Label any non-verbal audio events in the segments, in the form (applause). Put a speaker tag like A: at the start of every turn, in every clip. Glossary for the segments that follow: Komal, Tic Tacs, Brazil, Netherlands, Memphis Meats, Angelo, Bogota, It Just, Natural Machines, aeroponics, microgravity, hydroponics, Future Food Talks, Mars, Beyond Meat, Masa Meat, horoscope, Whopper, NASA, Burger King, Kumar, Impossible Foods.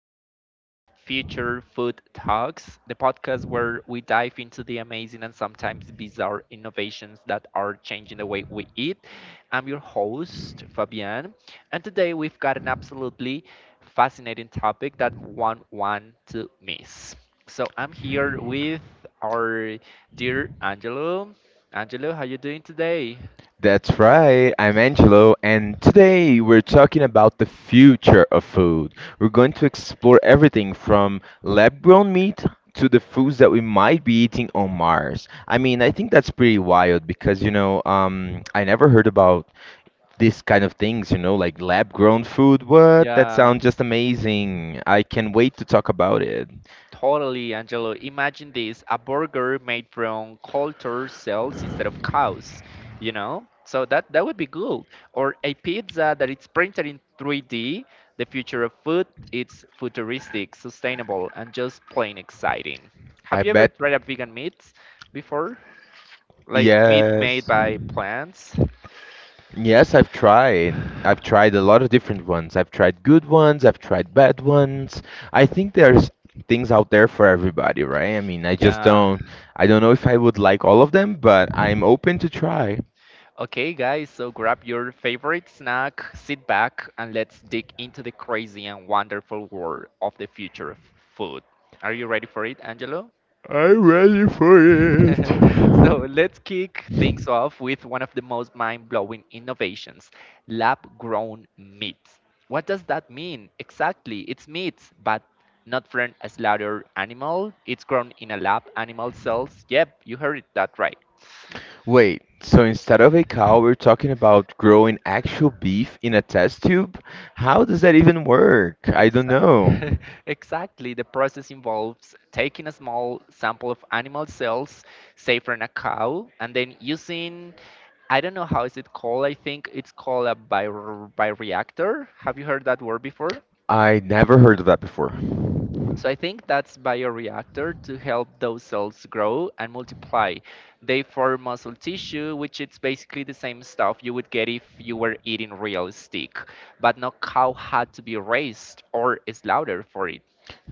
A: episode of Future Food Talks, the podcast where we dive into the amazing and sometimes bizarre innovations that are changing the way we eat. I'm your host, Fabian, and today we've got an absolutely fascinating topic that one want to miss. So I'm here with our dear Angelo. Angelo, how you doing today?
B: That's right, I'm Angelo, and today we're talking about the future of food. We're going to explore everything from lab grown meat to the foods that we might be eating on Mars. I mean, I think that's pretty wild because, I never heard about this kind of things, like lab grown food. What? That
A: Yeah.
B: sounds just amazing. I can wait to talk about it.
A: Totally, Angelo. Imagine this, a burger made from cultured cells instead of cows, you know? So that would be good. Or a pizza that it's printed in 3D. The future of food, it's futuristic, sustainable, and just plain exciting.
B: I
A: Have you ever
B: bet.
A: tried a vegan meat before? Like meat made
B: Yes.
A: by plants?
B: Yes, I've tried. I've tried a lot of different ones. I've tried good ones, I've tried bad ones. I think there's things out there for everybody, right? I mean, I just
A: Yeah.
B: don't I don't know if I would like all of them, but I'm open to try.
A: Okay, guys, so grab your favorite snack, sit back, and let's dig into the crazy and wonderful world of the future of food. Are you ready for it, Angelo?
B: I'm ready for it.
A: It. (laughs) So let's kick things off with one of the most mind-blowing innovations, lab-grown meat. What does that mean? Exactly, it's meat, but not from a slaughtered animal. It's grown in a lab, animal cells. Yep, you heard it that right.
B: Wait, so instead of a cow, we're talking about growing actual beef in a test tube? How does that even work? I don't know.
A: Exactly. (laughs) Exactly. The process involves taking a small sample of animal cells, say from a cow, and then using, I don't know how is it called, I think it's called a bioreactor. Have you heard that word before?
B: I never heard of that before.
A: So I think that's bioreactor to help those cells grow and multiply. They form muscle tissue, which it's basically the same stuff you would get if you were eating real steak, but no cow had to be raised or slaughtered for it.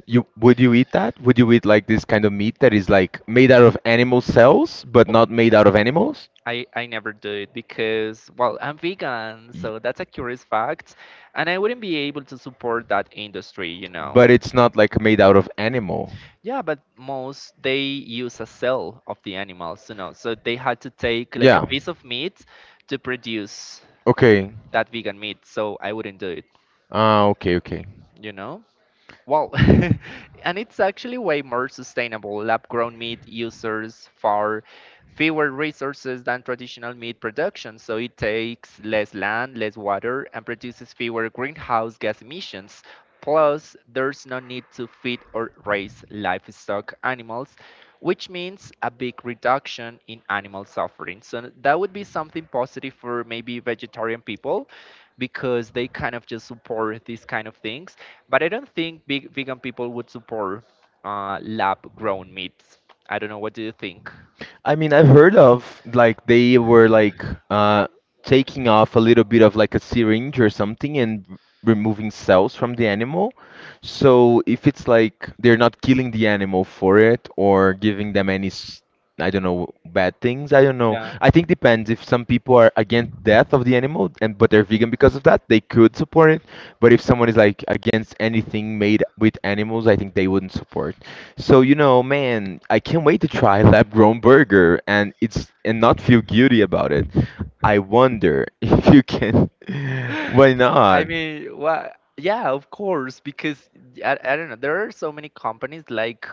B: You would you eat that? Would you eat like this kind of meat that is like made out of animal cells but not made out of animals?
A: I never do it because, well, I'm vegan,
B: Ye-
A: so that's a curious fact. And I wouldn't be able to support that industry, you know.
B: But it's not like made out of animal.
A: Yeah, but most they use a cell of the animals, you know. So they had to take like a
B: Yeah.
A: piece of meat to produce
B: Okay.
A: that vegan meat. So I wouldn't do it,
B: Ah, okay, okay.
A: you know. Well, (laughs) and it's actually way more sustainable. Lab grown meat uses far fewer resources than traditional meat production, so it takes less land, less water, and produces fewer greenhouse gas emissions. Plus, there's no need to feed or raise livestock animals, which means a big reduction in animal suffering. So, that would be something positive for maybe vegetarian people because they kind of just support these kind of things, but I don't think big vegan people would support lab grown meats. I don't know. What do you think?
B: I mean, I've heard of like they were like uh taking off a little bit of like a syringe or something and removing cells from the animal. So if it's like they're not killing the animal for it or giving them any I don't know bad things, I don't know.
A: Yeah.
B: I think depends if some people are against death of the animal and but they're vegan because of that, they could support it. But if someone is like against anything made with animals, I think they wouldn't support. So you know, man, I can't wait to try lab-grown burger and it's and not feel guilty about it. I wonder (laughs) if you can.
A: (laughs)
B: (laughs)
A: Why
B: Why
A: I
B: not?
A: mean, what? Yeah, of course, because I don't know. There are so many companies like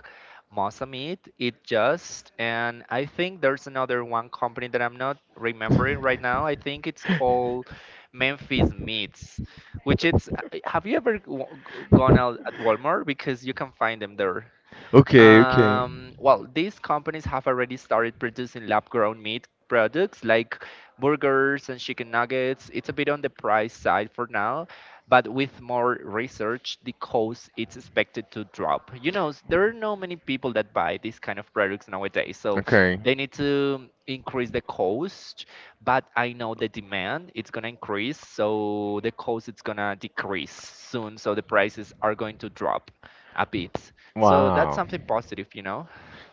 A: Masa Meat, It Just, and I think there's another one company that I'm not remembering right now. I
B: (laughs)
A: think it's called Memphis Meats, which it's. Have you ever gone out at Walmart because you can find them there?
B: Okay, okay.
A: Well, these companies have already started producing lab-grown meat products like burgers and chicken nuggets. It's a bit on the price side for now, but with more research, the cost is expected to drop. You know, there are not many people that buy these kind of products nowadays, so
B: Okay.
A: they need to increase the cost. But I know the demand it's gonna increase, so the cost it's gonna decrease soon. So the prices are going to drop a bit. So that's
B: Wow.
A: something positive, you know?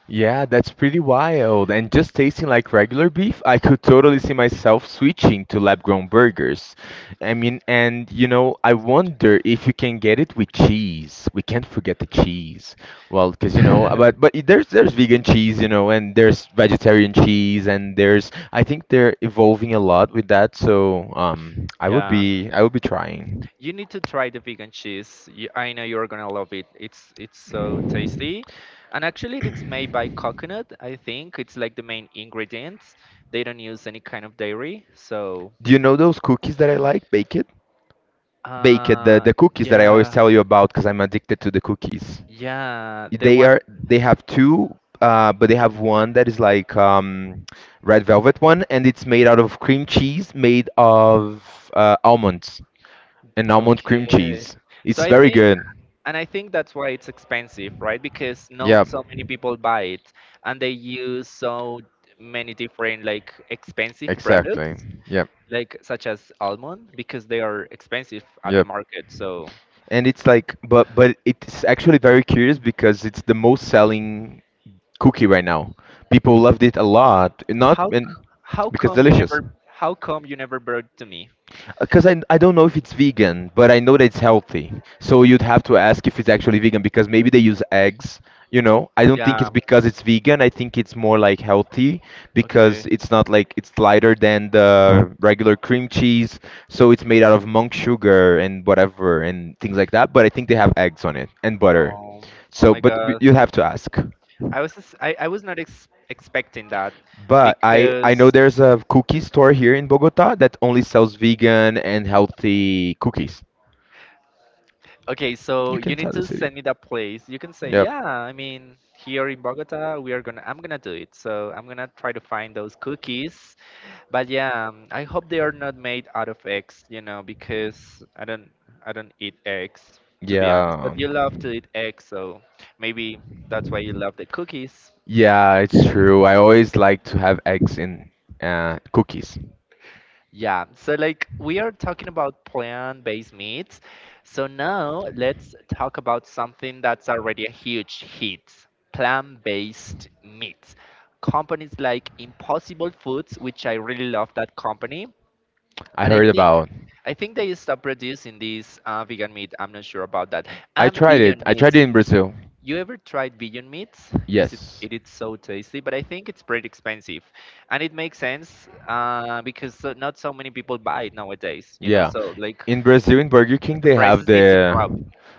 B: Yeah, that's pretty wild. And just tasting like regular beef, I could totally see myself switching to lab-grown burgers. I mean, and you know, I wonder if you can get it with cheese. We can't forget the cheese. Well, because you know, but
A: (laughs)
B: it- there's vegan cheese, you know, and there's vegetarian cheese, and there's I think they're evolving a lot with that. So I would
A: Yeah.
B: be I would be trying.
A: You need to try the vegan cheese. You, I know you're gonna love it. It's so tasty, and actually, it's made by coconut. I think it's like the main ingredients. They don't use any kind of dairy, so
B: Do you know those cookies that I like? Bake it, bake it. The
A: uh,
B: the cookies that I always
A: yeah,
B: tell you about because I'm addicted to the cookies.
A: yeah. They
B: They
A: want
B: are they have two but they have one that is like red velvet one and it's made out of cream cheese made of almonds and almond cream
A: okay.
B: cheese
A: So
B: it's
A: I
B: very
A: think
B: good
A: and I think that's why it's expensive, right? Because
B: yeah
A: not so many people buy it, and they use so many different like expensive products,
B: exactly yeah
A: like such as almond, because they are expensive at the
B: Yep.
A: market. So
B: And it's like, but it's actually very curious because it's the most selling cookie right now. People loved it a lot. Not and
A: how
B: because
A: come you
B: delicious.
A: never how come you never brought to me?
B: Because I don't know if it's vegan, but I know that it's healthy. So you'd have to ask if it's actually vegan because maybe they use eggs, you know? I don't think
A: Yeah.
B: it's because it's vegan. I think it's more like healthy
A: Okay.
B: because it's not like it's lighter than the regular cream cheese. So it's made out of monk sugar and whatever and things like that. But I think they have eggs on it and butter.
A: Um. Oh
B: So,
A: my
B: but
A: God.
B: you have to ask.
A: I was not expecting that
B: But I know
A: because.
B: there's a cookie store here in Bogota that only sells vegan and healthy cookies.
A: Okay, so
B: You
A: you
B: can
A: need
B: tell the
A: to
B: city.
A: send me that place. You can say,
B: Yep.
A: yeah, I mean, here in Bogota, we are gonna, I'm gonna do it. So I'm gonna try to find those cookies. But yeah, I hope they are not made out of eggs, you know, because I don't eat eggs, to be honest. But
B: Yeah.
A: you love to eat eggs, so maybe that's why you love the cookies.
B: Yeah, it's true. I always like to have eggs in cookies.
A: Yeah, so like we are talking about plant-based meats. So now let's talk about something that's already a huge hit, plant-based meat. Companies like Impossible Foods, which I really love that company,
B: I
A: but
B: heard about.
A: I think they stopped producing this vegan meat. I'm not sure about that.
B: I
A: And
B: tried it.
A: Beyond
B: I
A: Meat.
B: tried it in Brazil.
A: You ever tried vegan meats? Is it
B: Yes.
A: it is so tasty, but I think it's pretty expensive, and it makes sense because so, not so many people buy it nowadays. You know,
B: Yeah.
A: so like
B: In Brazil, in Burger King,
A: but the
B: they have
A: prices need to
B: the
A: drop.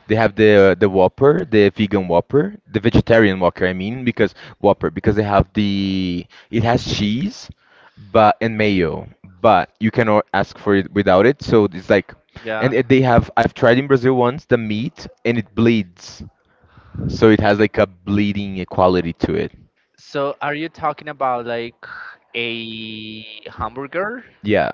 B: they have the Whopper, the vegan Whopper, the vegetarian Whopper. I mean, because Whopper, because they have the it has cheese, but and mayo, but you cannot ask for it without it. So it's like, and
A: Yeah.
B: it, they have. I've tried in Brazil once the meat, and it bleeds. So it has like a bleeding equality to it.
A: So are you talking about like a hamburger?
B: Yeah.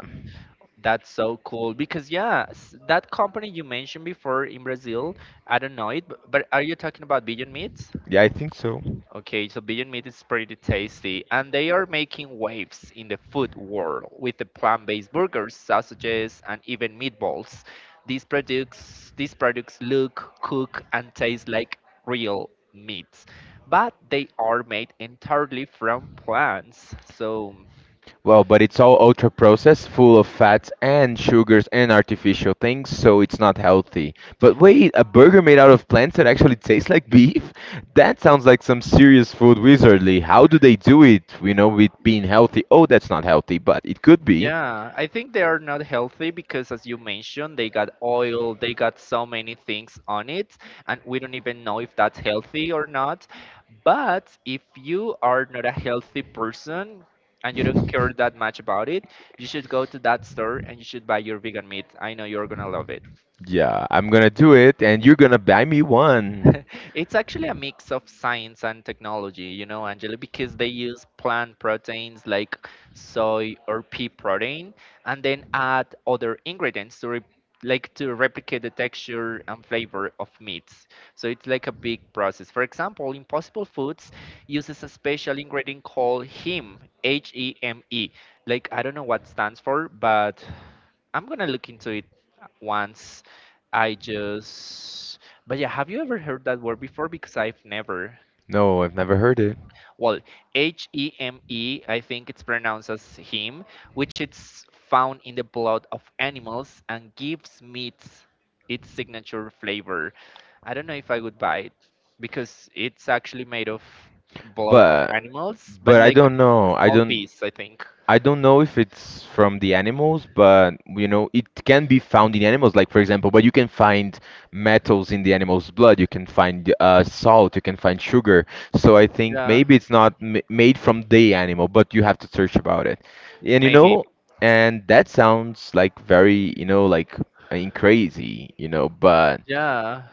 A: That's so cool because yeah, that company you mentioned before in Brazil, I don't know it, but are you talking about vegan meats?
B: Yeah, I think so.
A: Okay, so Beyond Meat is pretty tasty, and they are making waves in the food world with the plant-based burgers, sausages, and even meatballs. These products look, cook, and taste like real meats, but they are made entirely from plants. So
B: Well, but it's all ultra processed, full of fats and sugars and artificial things, so it's not healthy. But wait, a burger made out of plants that actually tastes like beef? (laughs) That sounds like some serious food wizardry. How do they do it, you know, with being healthy? Oh, that's not healthy, but it could be.
A: yeah, I think they are not healthy because, as you mentioned, they got oil, they got so many things on it, and we don't even know if that's healthy or not. But if you are not a healthy person and you don't care that much about it, you should go to that store and you should
B: (laughs)
A: buy your vegan meat. I know you're gonna love it.
B: Yeah, I'm gonna do it, and you're gonna buy me one.
A: (laughs) It's actually a mix of science and technology, you know, Angela, because they use plant proteins like soy or pea protein and then add other ingredients to re like to replicate the texture and flavor of meats. So it's like a big process. For example, Impossible Foods uses a special ingredient called heme, H-E-M-E. Like I don't know what stands for, but I'm gonna look into it once I just but yeah, have you ever heard that word before? Because I've never.
B: No, I've never heard it.
A: Well, H E M E, I think it's pronounced as heme, which it's found in the blood of animals and gives meats its signature flavor. I don't know if I would buy it because it's actually made of blood of
B: But
A: animals, but
B: but I
A: like
B: don't
A: a
B: know. I
A: small
B: don't.
A: piece, I think.
B: I don't know if it's from the animals, but you know, it can be found in animals. Like for example, but you can find metals in the animal's blood. You can find salt. You can find sugar. So I think
A: Yeah,
B: maybe it's not m made from the animal, but you have to search about it. And you know, and that sounds like very, you know, like I mean, crazy, you know, but
A: yeah.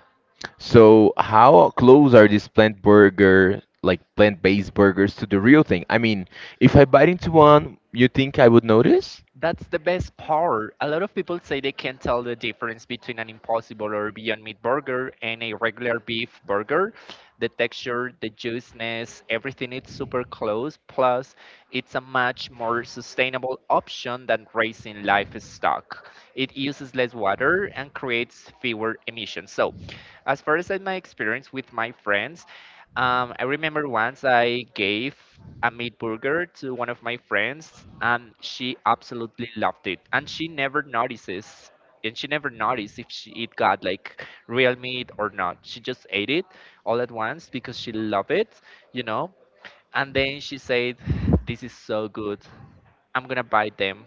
B: so how close are these plant burger, like plant-based burgers, to the real thing? I mean, if I bite into one, you think I would notice?
A: That's the best part. A lot of people say they can't tell the difference between an impossible or Beyond Meat burger and a regular beef burger. The texture, the juiciness, everything is super close. Plus, it's a much more sustainable option than raising livestock. It uses less water and creates fewer emissions. So, as far as in my experience with my friends, I remember once I gave a meat burger to one of my friends, and she absolutely loved it. And she never notices, and she never noticed if she, it got like real meat or not. She just ate it all at once because she loved it, you know. And then she said, "This is so good. I'm gonna buy them."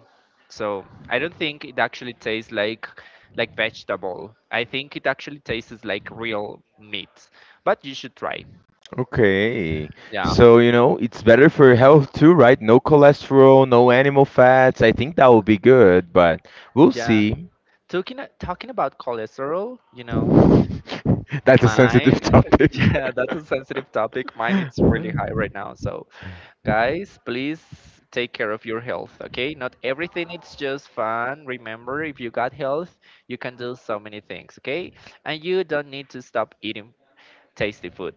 A: So I don't think it actually tastes like vegetable. I think it actually tastes like real meat. But you should try.
B: Okay.
A: Yeah.
B: So, you know, it's better for health too, right? No cholesterol, no animal fats. I think that would be good, but we'll
A: Yeah.
B: see.
A: Talking about cholesterol, you know,
B: (laughs) That's a sensitive
A: mine. (laughs)
B: topic.
A: Yeah, that's a sensitive topic. Mine it's really high
B: (laughs)
A: right now. So, guys, please take care of your health, okay? Not everything it's just fun. Remember, if you got health, you can do so many things, okay? And you don't need to stop eating tasty food.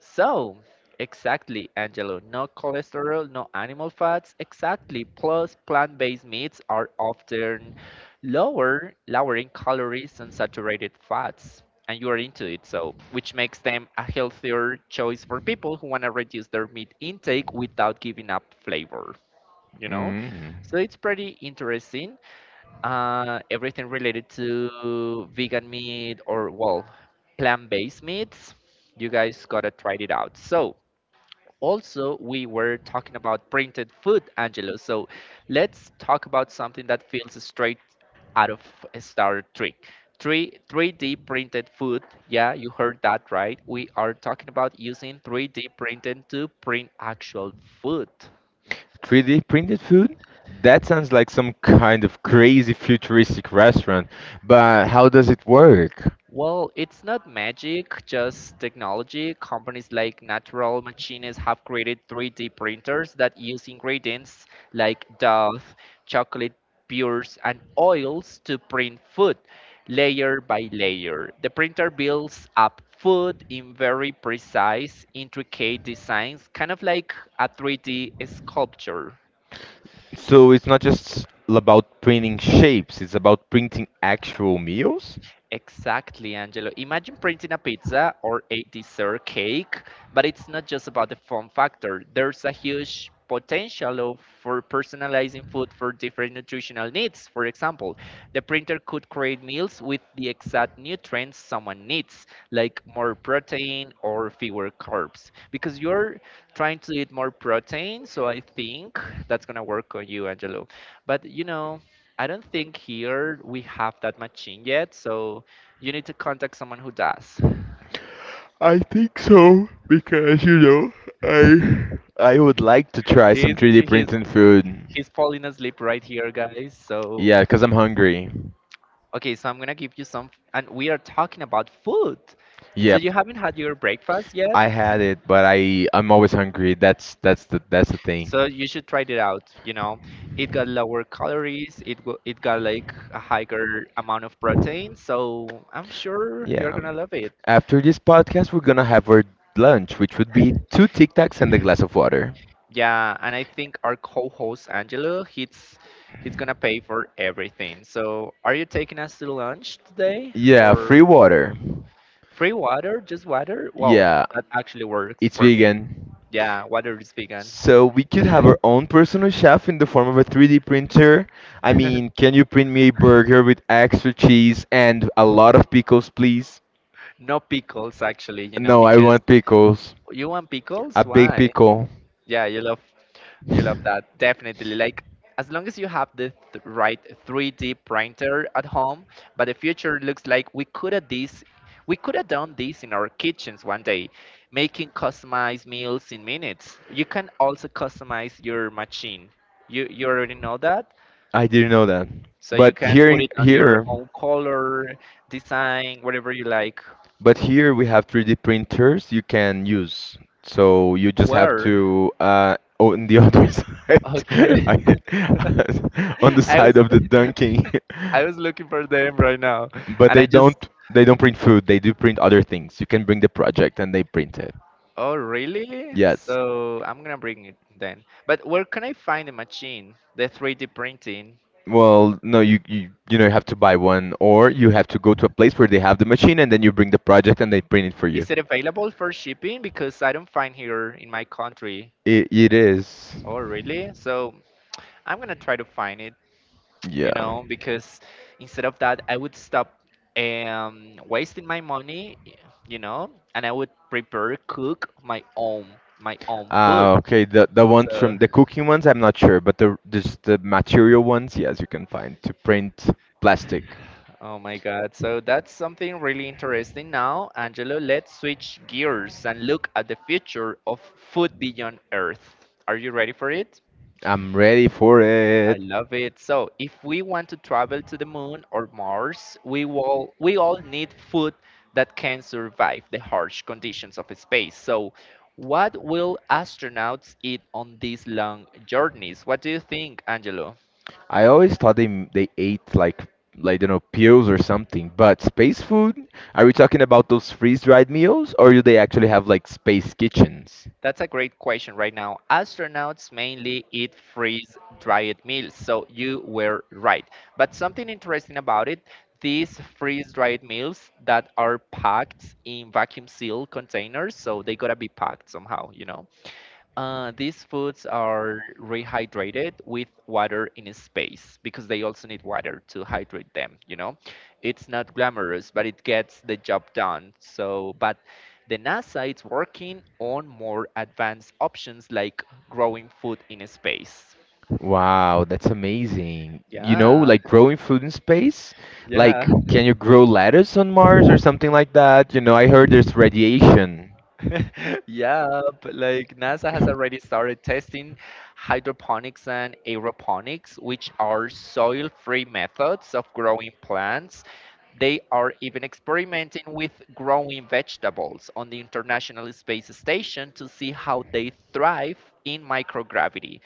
A: So, exactly, Angelo, no cholesterol, no animal fats, exactly. Plus, plant-based meats are often lower in calories and saturated fats. And you are into it, so which makes them a healthier choice for people who want to reduce their meat intake without giving up flavor, you know?
B: Mhm.
A: So it's pretty interesting everything related to vegan meat or well plant-based meats. You guys gotta try it out. So also we were talking about printed food, Angelo. So let's talk about something that feels straight out of Star Trek. 3 3D printed food. Yeah, you heard that right. We are talking about using 3D printing to print actual food.
B: 3D printed food? That sounds like some kind of crazy futuristic restaurant, but how does it work?
A: Well, it's not magic, just technology. Companies like Natural Machines have created 3D printers that use ingredients like dough, chocolate pures, and oils to print food layer by layer. The printer builds up food in very precise, intricate designs, kind of like a 3D sculpture.
B: So it's not just about printing shapes, it's about printing actual meals?
A: Exactly, Angelo. Imagine printing a pizza or a dessert cake, but it's not just about the fun factor. There's a huge potential for personalizing food for different nutritional needs. For example, the printer could create meals with the exact nutrients someone needs, like more protein or fewer carbs. Because you're trying to eat more protein, so I think that's gonna work on you, Angelo. But you know, I don't think here we have that machine yet, so you need to contact someone who does.
B: I think so because I I would like to try some
A: He's
B: 3D
A: he's
B: printed food.
A: he's falling asleep right here, guys. So
B: Yeah, because I'm hungry.
A: okay, so I'm gonna give you some, and we are talking about food. So
B: Yep.
A: you, yes, haven't had your breakfast yet,
B: I had it, but I'm always hungry. That's the thing.
A: so you should try it out. You know, it got lower calories. It got like a higher amount of protein. So I'm
B: We
A: sure you're
B: Yeah.
A: gonna love it.
B: After this podcast, we're gonna have our lunch, which would be two Tic Tacs and a glass of water.
A: Yeah, and I think our co-host Angelo, he's gonna pay for everything. So, are you taking us to lunch today
B: Yeah,
A: or
B: free water.
A: free water? Just water? Well,
B: Yeah,
A: that actually works
B: it's
A: for me.
B: vegan.
A: Yeah, water is vegan.
B: So we could
A: (laughs)
B: have our own personal chef in the form of a 3D printer. I mean, can you print me a burger with extra cheese and a lot of pickles, please?
A: No pickles, actually, you know,
B: No, I
A: because
B: want pickles.
A: you want
B: A
A: pickles?
B: big
A: Why?
B: pickle.
A: Yeah, you love. You love that, definitely. Like, as long as you have the right 3D printer at home, but the future looks like we could have this, we could have done this in our kitchens one day, making customized meals in minutes. You can also customize your machine. You already know that,
B: I didn't know that.
A: so you
B: But
A: can
B: here
A: put
B: in
A: it on your
B: here
A: own color, design, whatever you like.
B: But here we have 3D printers you can use. So you just have
A: Where?
B: to on the other (laughs) side,
A: Okay. (laughs)
B: (laughs) on the
A: I
B: side
A: was
B: of the dunking.
A: (laughs) I was looking for them right now,
B: But
A: and
B: they
A: I just.
B: don't they don't print food. They do print other things. You can bring the project and they print it.
A: Oh, really? Yeah.
B: Yes.
A: So I'm gonna bring it then. But where can I find the machine, the 3D printing?
B: Well, no, you know you have to buy one, or you have to go to a place where they have the machine, and then you bring the project, and they print it for you.
A: Is it available for shipping? Because I don't find here in my country.
B: It is.
A: Oh, really? So I'm gonna try to find it,
B: Yeah.
A: you know, because instead of that, I would stop wasting my money, you know, and I would prepare, cook my own food.
B: Ah, okay. The ones
A: So
B: from the cooking ones, I'm not sure, but the just the material ones, yes, you can find to print plastic.
A: (laughs) oh my God. So that's something really interesting. Now, Angelo, let's switch gears and look at the future of food beyond Earth. Are you ready for it?
B: I'm ready for it.
A: I love it. So, if we want to travel to the moon or Mars, we all need food that can survive the harsh conditions of space. So, what will astronauts eat on these long journeys? What do you think, Angelo?
B: I always thought they they ate like you know pills or something. But space food? Are we talking about those freeze-dried meals, or do they actually have like space kitchens?
A: That's a great question. Right now, astronauts mainly eat freeze dried meals, so you were right. But something interesting about it, these freeze dried meals that are packed in vacuum sealed containers, so they gotta be packed somehow, you know? These foods are rehydrated with water in space because they also need water to hydrate them, you know. It's not glamorous, but it gets the job done. So, but the NASA is working on more advanced options like growing food in space.
B: Wow, that's amazing. You know,
A: Yeah,
B: like growing food in space?
A: yeah.
B: Like, can you grow lettuce on Mars or something like that? You know, I heard there's radiation.
A: (laughs) Yeah, but like NASA has already started testing hydroponics and aeroponics, which are soil-free methods of growing plants. They are even experimenting with growing vegetables on the International Space Station to see how they thrive in microgravity.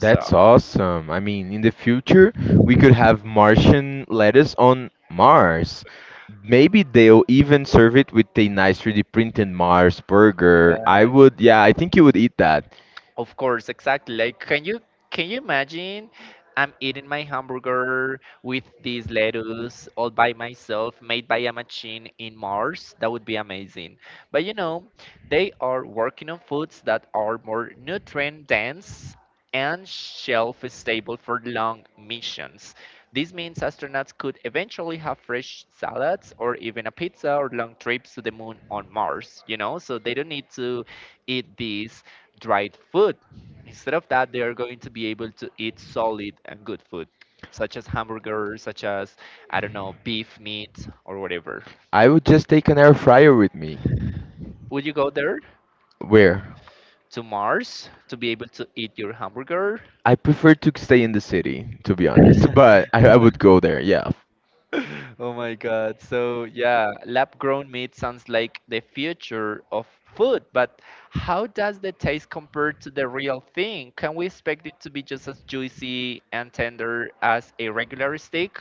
A: So,
B: That's awesome. I mean, in the future, we could have Martian lettuce on Mars. Maybe they'll even serve it with a nice 3D printed Mars burger. I
A: yeah.
B: would, yeah, I think you would eat that.
A: Of course, exactly. Like, can you imagine? I'm eating my hamburger with this lettuce all by myself, made by a machine in Mars. That would be amazing. But you know, they are working on foods that are more nutrient dense and shelf stable for long missions. This means astronauts could eventually have fresh salads or even a pizza or long trips to the moon on Mars, you know? So they don't need to eat these dried food. Instead of that, they are going to be able to eat solid and good food, such as hamburgers, such as, I don't know, beef meat or whatever.
B: I would just take an air fryer with me.
A: Would you go there
B: Where?
A: to Mars to be able to eat your hamburger?
B: I prefer to stay in the city, to be honest, but
A: (laughs)
B: I would go there, yeah.
A: Oh my God. So, yeah, lab grown meat sounds like the future of food, but how does the taste compare to the real thing? Can we expect it to be just as juicy and tender as a regular steak?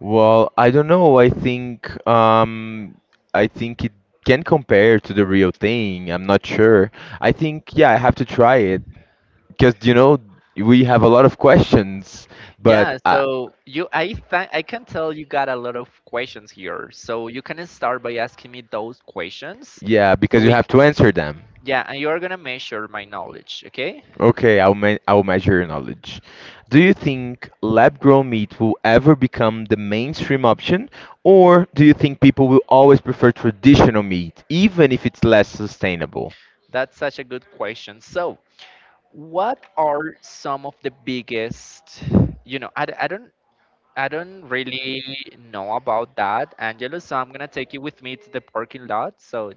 B: Well, I don't know. I think it can compare to the real thing. I'm not sure. I think yeah, I have to try it. Because you know we have a lot of questions, but
A: Yeah,
B: I,
A: so you, I can tell you got a lot of questions here. So you can start by asking me those questions.
B: yeah,
A: So
B: because you have to answer them.
A: yeah, and you're gonna measure my knowledge. Okay,
B: Okay, I'll measure your knowledge. Do you think lab-grown meat will ever become the mainstream option, or do you think people will always prefer traditional meat, even if it's less sustainable?
A: that's such a good question. So what are some of the biggest, you know, I don't, I don't really know about that, Angelo, so I'm gonna take you with me to the parking lot. So,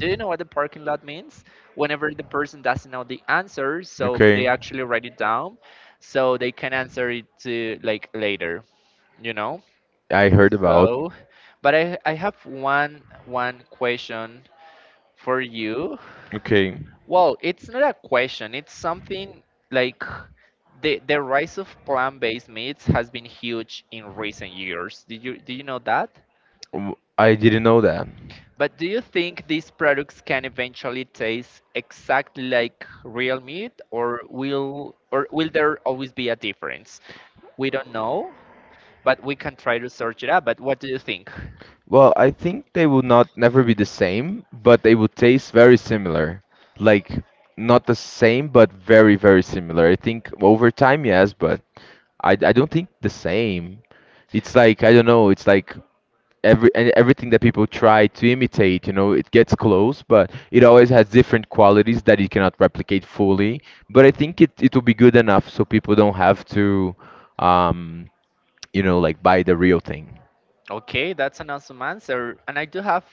A: do you know what the parking lot means? Whenever the person doesn't know the answer, so they
B: Okay.
A: actually write it down, so they can answer it to like later, you know?
B: I heard about.
A: So, but I have one question for you.
B: Okay,
A: Well, it's not a question. It's something like the rise of plant-based meats has been huge in recent years. Did you Do you know that?
B: I didn't know that.
A: But do you think these products can eventually taste exactly like real meat, or will there always be a difference? We don't know, but we can try to search it up. But what do you think?
B: Well, I think they would not never be the same, but they would taste very similar. Like not the same, but very, very similar. I think over time, yes, but I don't think the same. It's like I don't know. It's like every and everything that people try to imitate, you know, it gets close, but it always has different qualities that you cannot replicate fully. But I think it will be good enough so people don't have to. Um, you know, like buy the real thing.
A: Okay, that's an awesome answer. And I do have,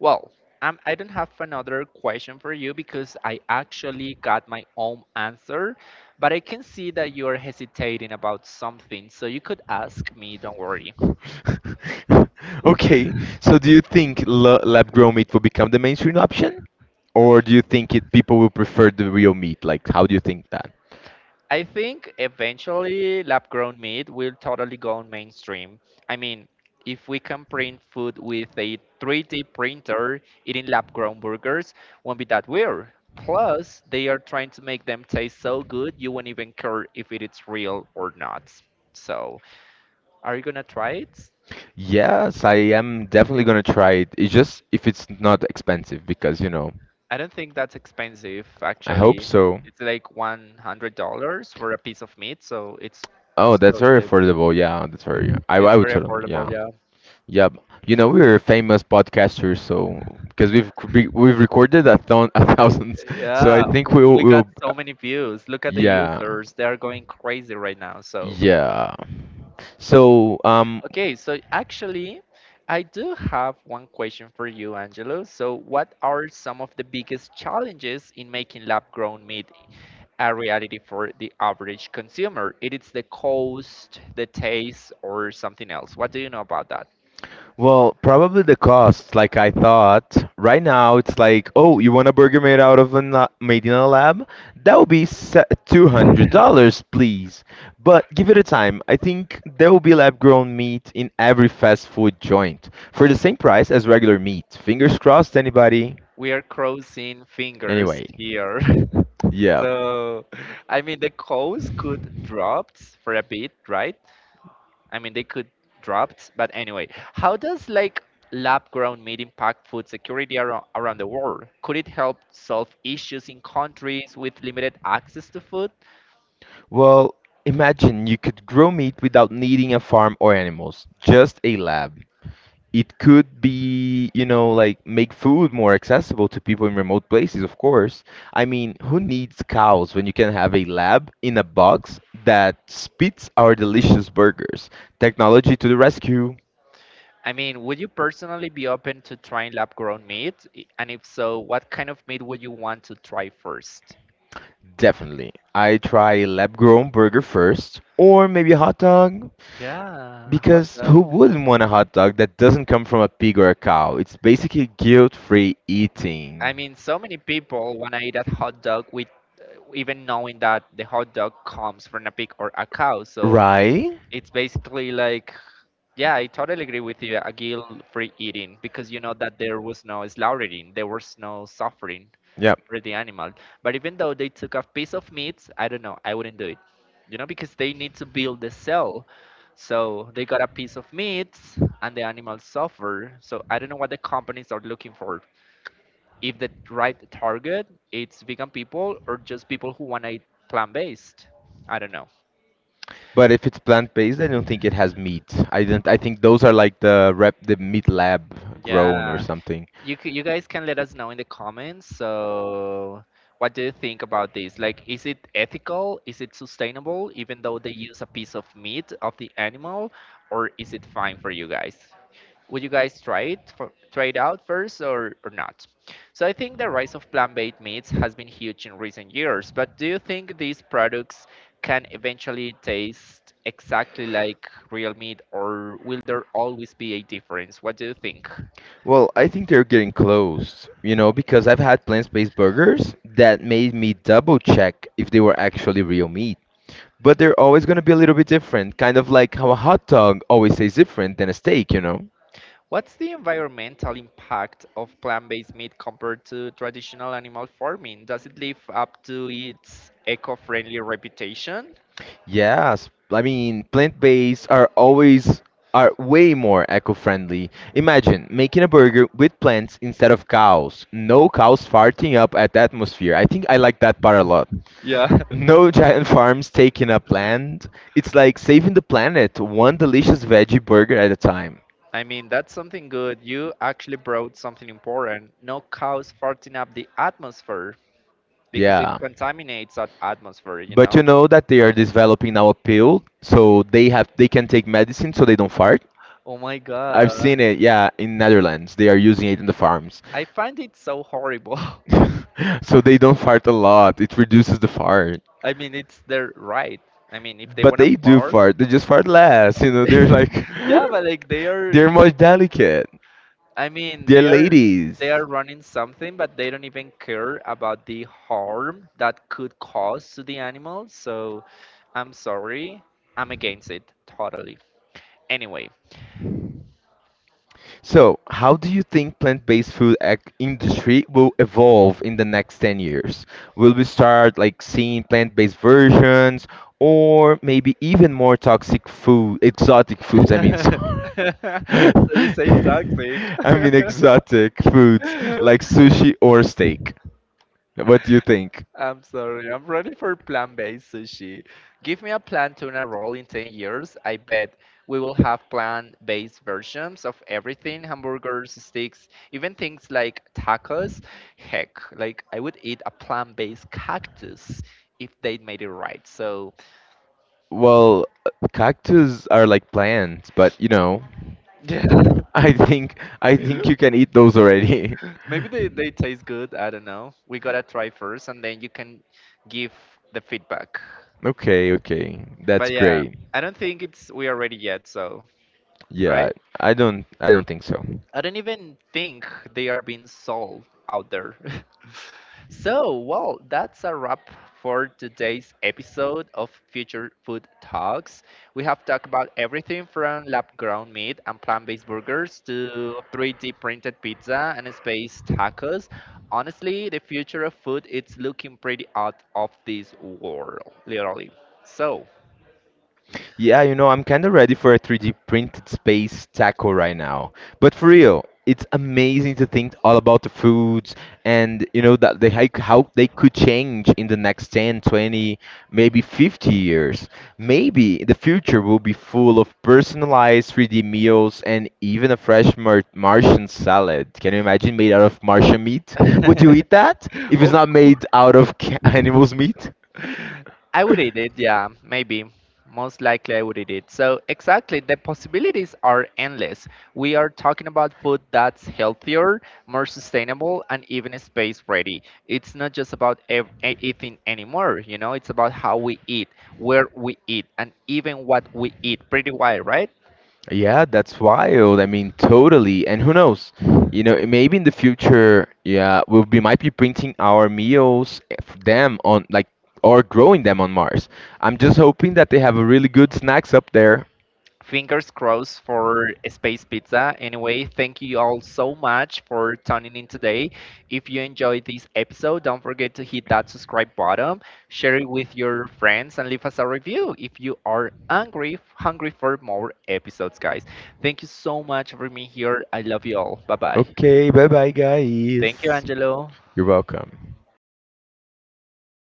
A: well, I don't have another question for you because I actually got my own answer, but I can see that you're hesitating about something, so you could ask me, don't worry.
B: (laughs) Okay, so do you think lab-grown meat will become the mainstream option, or do you think it people will prefer the real meat? Like, how do you think that?
A: I think eventually lab grown meat will totally go mainstream. I mean, if we can print food with a 3D printer, eating lab grown burgers won't be that weird. Plus, they are trying to make them taste so good you won't even care if it is real or not. So, are you gonna try it?
B: Yes, I am definitely gonna try it. It's just if it's not expensive, because
A: I don't think that's expensive
B: I hope
A: actually.
B: so.
A: It's like $100 for a piece of meat, so it's
B: Oh, that's
A: so
B: very
A: cheap.
B: affordable. Yeah, that's very. I
A: It's
B: I would
A: very
B: totally.
A: affordable.
B: Yeah. Yeah, you know we're famous podcasters, so because we've recorded a thousands, (laughs) so I
A: Yeah,
B: think we'll
A: we got
B: we'll
A: so many views. Look at the
B: yeah
A: users, they're going crazy right now. So,
B: yeah. So um,
A: okay, so actually, I do have one question for you, Angelo. So, what are some of the biggest challenges in making lab grown meat a reality for the average consumer? It is the cost, the taste, or something else. What do you know about that?
B: Well, probably the cost, like I thought. Right now, it's like, oh, you want a burger made out of made in a lab? That would be
A: (laughs)
B: $200, please. But give it a time. I think there will be lab-grown meat in every fast food joint for the same price as regular meat. Fingers crossed, anybody?
A: We are crossing fingers
B: Anyway,
A: here. (laughs)
B: yeah.
A: So, I mean, the cows could dropped for a bit, right? I mean, they could dropped, but anyway, how does like lab-grown meat impact food security around, around the world? Could it help solve issues in countries with limited access to food?
B: Well, imagine you could grow meat without needing a farm or animals, just a lab. It could be, you know, like make food more accessible to people in remote places. Of course, I mean, who needs cows when you can have a lab in a box that spits our delicious burgers. Technology to the rescue.
A: I mean, would you personally be open to trying lab-grown meat? And if so, what kind of meat would you want to try first?
B: Definitely, I try a lab grown burger first or maybe a hot dog,
A: Yeah, hot
B: because who
A: dog.
B: wouldn't want a hot dog that doesn't come from a pig or a cow? It's basically guilt free eating.
A: I mean, so many people want to eat a hot dog with, even knowing that the hot dog comes from a pig or a cow. So
B: Right.
A: it's basically like, yeah, I totally agree with you, a guilt-free eating, because you know that there was no slaughtering, there was no suffering
B: Yeah.
A: for the animal. But even though they took a piece of meat, I don't know, I wouldn't do it, you know, because they need to build the cell. So they got a piece of meat and the animal suffer. So I don't know what the companies are looking for, if the right target it's vegan people or just people who want to eat plant-based. I don't know.
B: But if it's plant-based, I don't think it has meat. I don't. I think those are like the meat lab grown or
A: Yeah,
B: something.
A: you guys can let us know in the comments. So what do you think about this, like is it ethical, is it sustainable even though they use a piece of meat of the animal, or is it fine for you guys? Would you guys try it for, try it out first, or not? So I think the rise of plant-based meats has been huge in recent years, but do you think these products can eventually taste exactly like real meat, or will there always be a difference? What do you think?
B: Well, I think they're getting close, you know, because I've had plant-based burgers that made me double check if they were actually real meat. But they're always gonna be a little bit different, kind of like how a hot dog always tastes different than a steak, you know?
A: What's the environmental impact of plant-based meat compared to traditional animal farming? Does it live up to its eco-friendly reputation?
B: Yes, I mean plant-based are always are way more eco-friendly. Imagine making a burger with plants instead of cows. No cows farting up at the atmosphere. I think I like that part a lot.
A: Yeah, (laughs)
B: No (laughs) giant farms taking up land. It's like saving the planet one delicious veggie burger at a time.
A: I mean, that's something good. You actually brought something important. No cows farting up the atmosphere because it
B: Yeah.
A: contaminates that atmosphere, you
B: But you
A: know?
B: know that they are developing now a pill so they can take medicine so they don't fart?
A: Oh my
B: I've
A: God.
B: seen it, yeah, in Netherlands. They are using it in the farms.
A: I find it so horrible. (laughs)
B: (laughs) So they don't fart a lot. It reduces the fart.
A: I mean, it's their right. I mean, if they
B: But
A: want to
B: they do
A: fart,
B: fart. They just fart less. You know, they're like
A: (laughs) yeah,
B: (laughs)
A: but like they
B: they're
A: are,
B: more delicate.
A: I mean,
B: They're
A: they are.
B: ladies.
A: They are running something, but they don't even care about the harm that could cause to the animals. So I'm sorry, I'm against it totally. Anyway.
B: So, how do you think plant-based food ac industry will evolve in the next 10 years? Will we start like seeing plant-based versions or maybe even more toxic food, exotic foods, I mean,
A: (laughs)
B: sorry. (laughs)
A: So you say toxic.
B: I mean exotic foods like
A: (laughs)
B: sushi or steak. What do you think?
A: I'm sorry. I'm ready for plant-based sushi. Give me a plant tuna roll in 10 years. I bet we will have plant-based versions of everything, hamburgers, sticks, even things like tacos. Heck, like I would eat a plant-based cactus if they made it right. So,
B: Well, cactus are like plants, but you know,
A: (laughs) yeah.
B: I think you
A: (laughs)
B: can eat those already.
A: Maybe they
B: (laughs)
A: taste good. I don't know. We gotta try first, and then you can give the feedback.
B: Okay, okay.
A: But yeah, I don't think it's we are ready yet. So
B: Ready. Yeah,
A: right,
B: I don't think so.
A: I don't even think they are being sold out there. (laughs) So, well, that's a wrap for today's episode of Future Food Talks. We have talked about everything from lab grown meat and plant based burgers to 3D printed pizza and space tacos. Honestly, the future of food is looking pretty out of this world, literally. So,
B: Yeah, you know, I'm kind of ready for a 3D printed space taco right now. But for real, it's amazing to think all about the foods, and you know that they how they could change in the next 10, 20, maybe 50 years. Maybe the future will be full of personalized 3D meals and even a fresh Martian salad. Can you imagine made out of Martian meat?
A: (laughs)
B: Would you eat that if it's
A: of
B: not made
A: course.
B: out of (laughs) animals' meat?
A: I would eat it, yeah, maybe. Most likely, I would eat it. So, exactly, the possibilities are endless. We are talking about food that's healthier, more sustainable, and even space ready. It's not just about eating anymore, you know, it's about how we eat, where we eat, and even what we eat. Pretty wide, right?
B: Yeah, that's wild. I mean, totally. And who knows? You know, maybe in the future, yeah, we'll be might be printing our meals them on like or growing them on Mars. I'm just hoping that they have a really good snacks up there.
A: Fingers crossed for Space Pizza. Anyway, thank you all so much for tuning in today. If you enjoyed this episode, don't forget to hit that subscribe button, share it with your friends, and leave us a review if you are hungry, hungry for more episodes, guys. Thank you so much for being here. I love you all. Bye bye.
B: Okay, bye bye
A: Thank you,
B: guys.
A: Angelo.
B: You're welcome.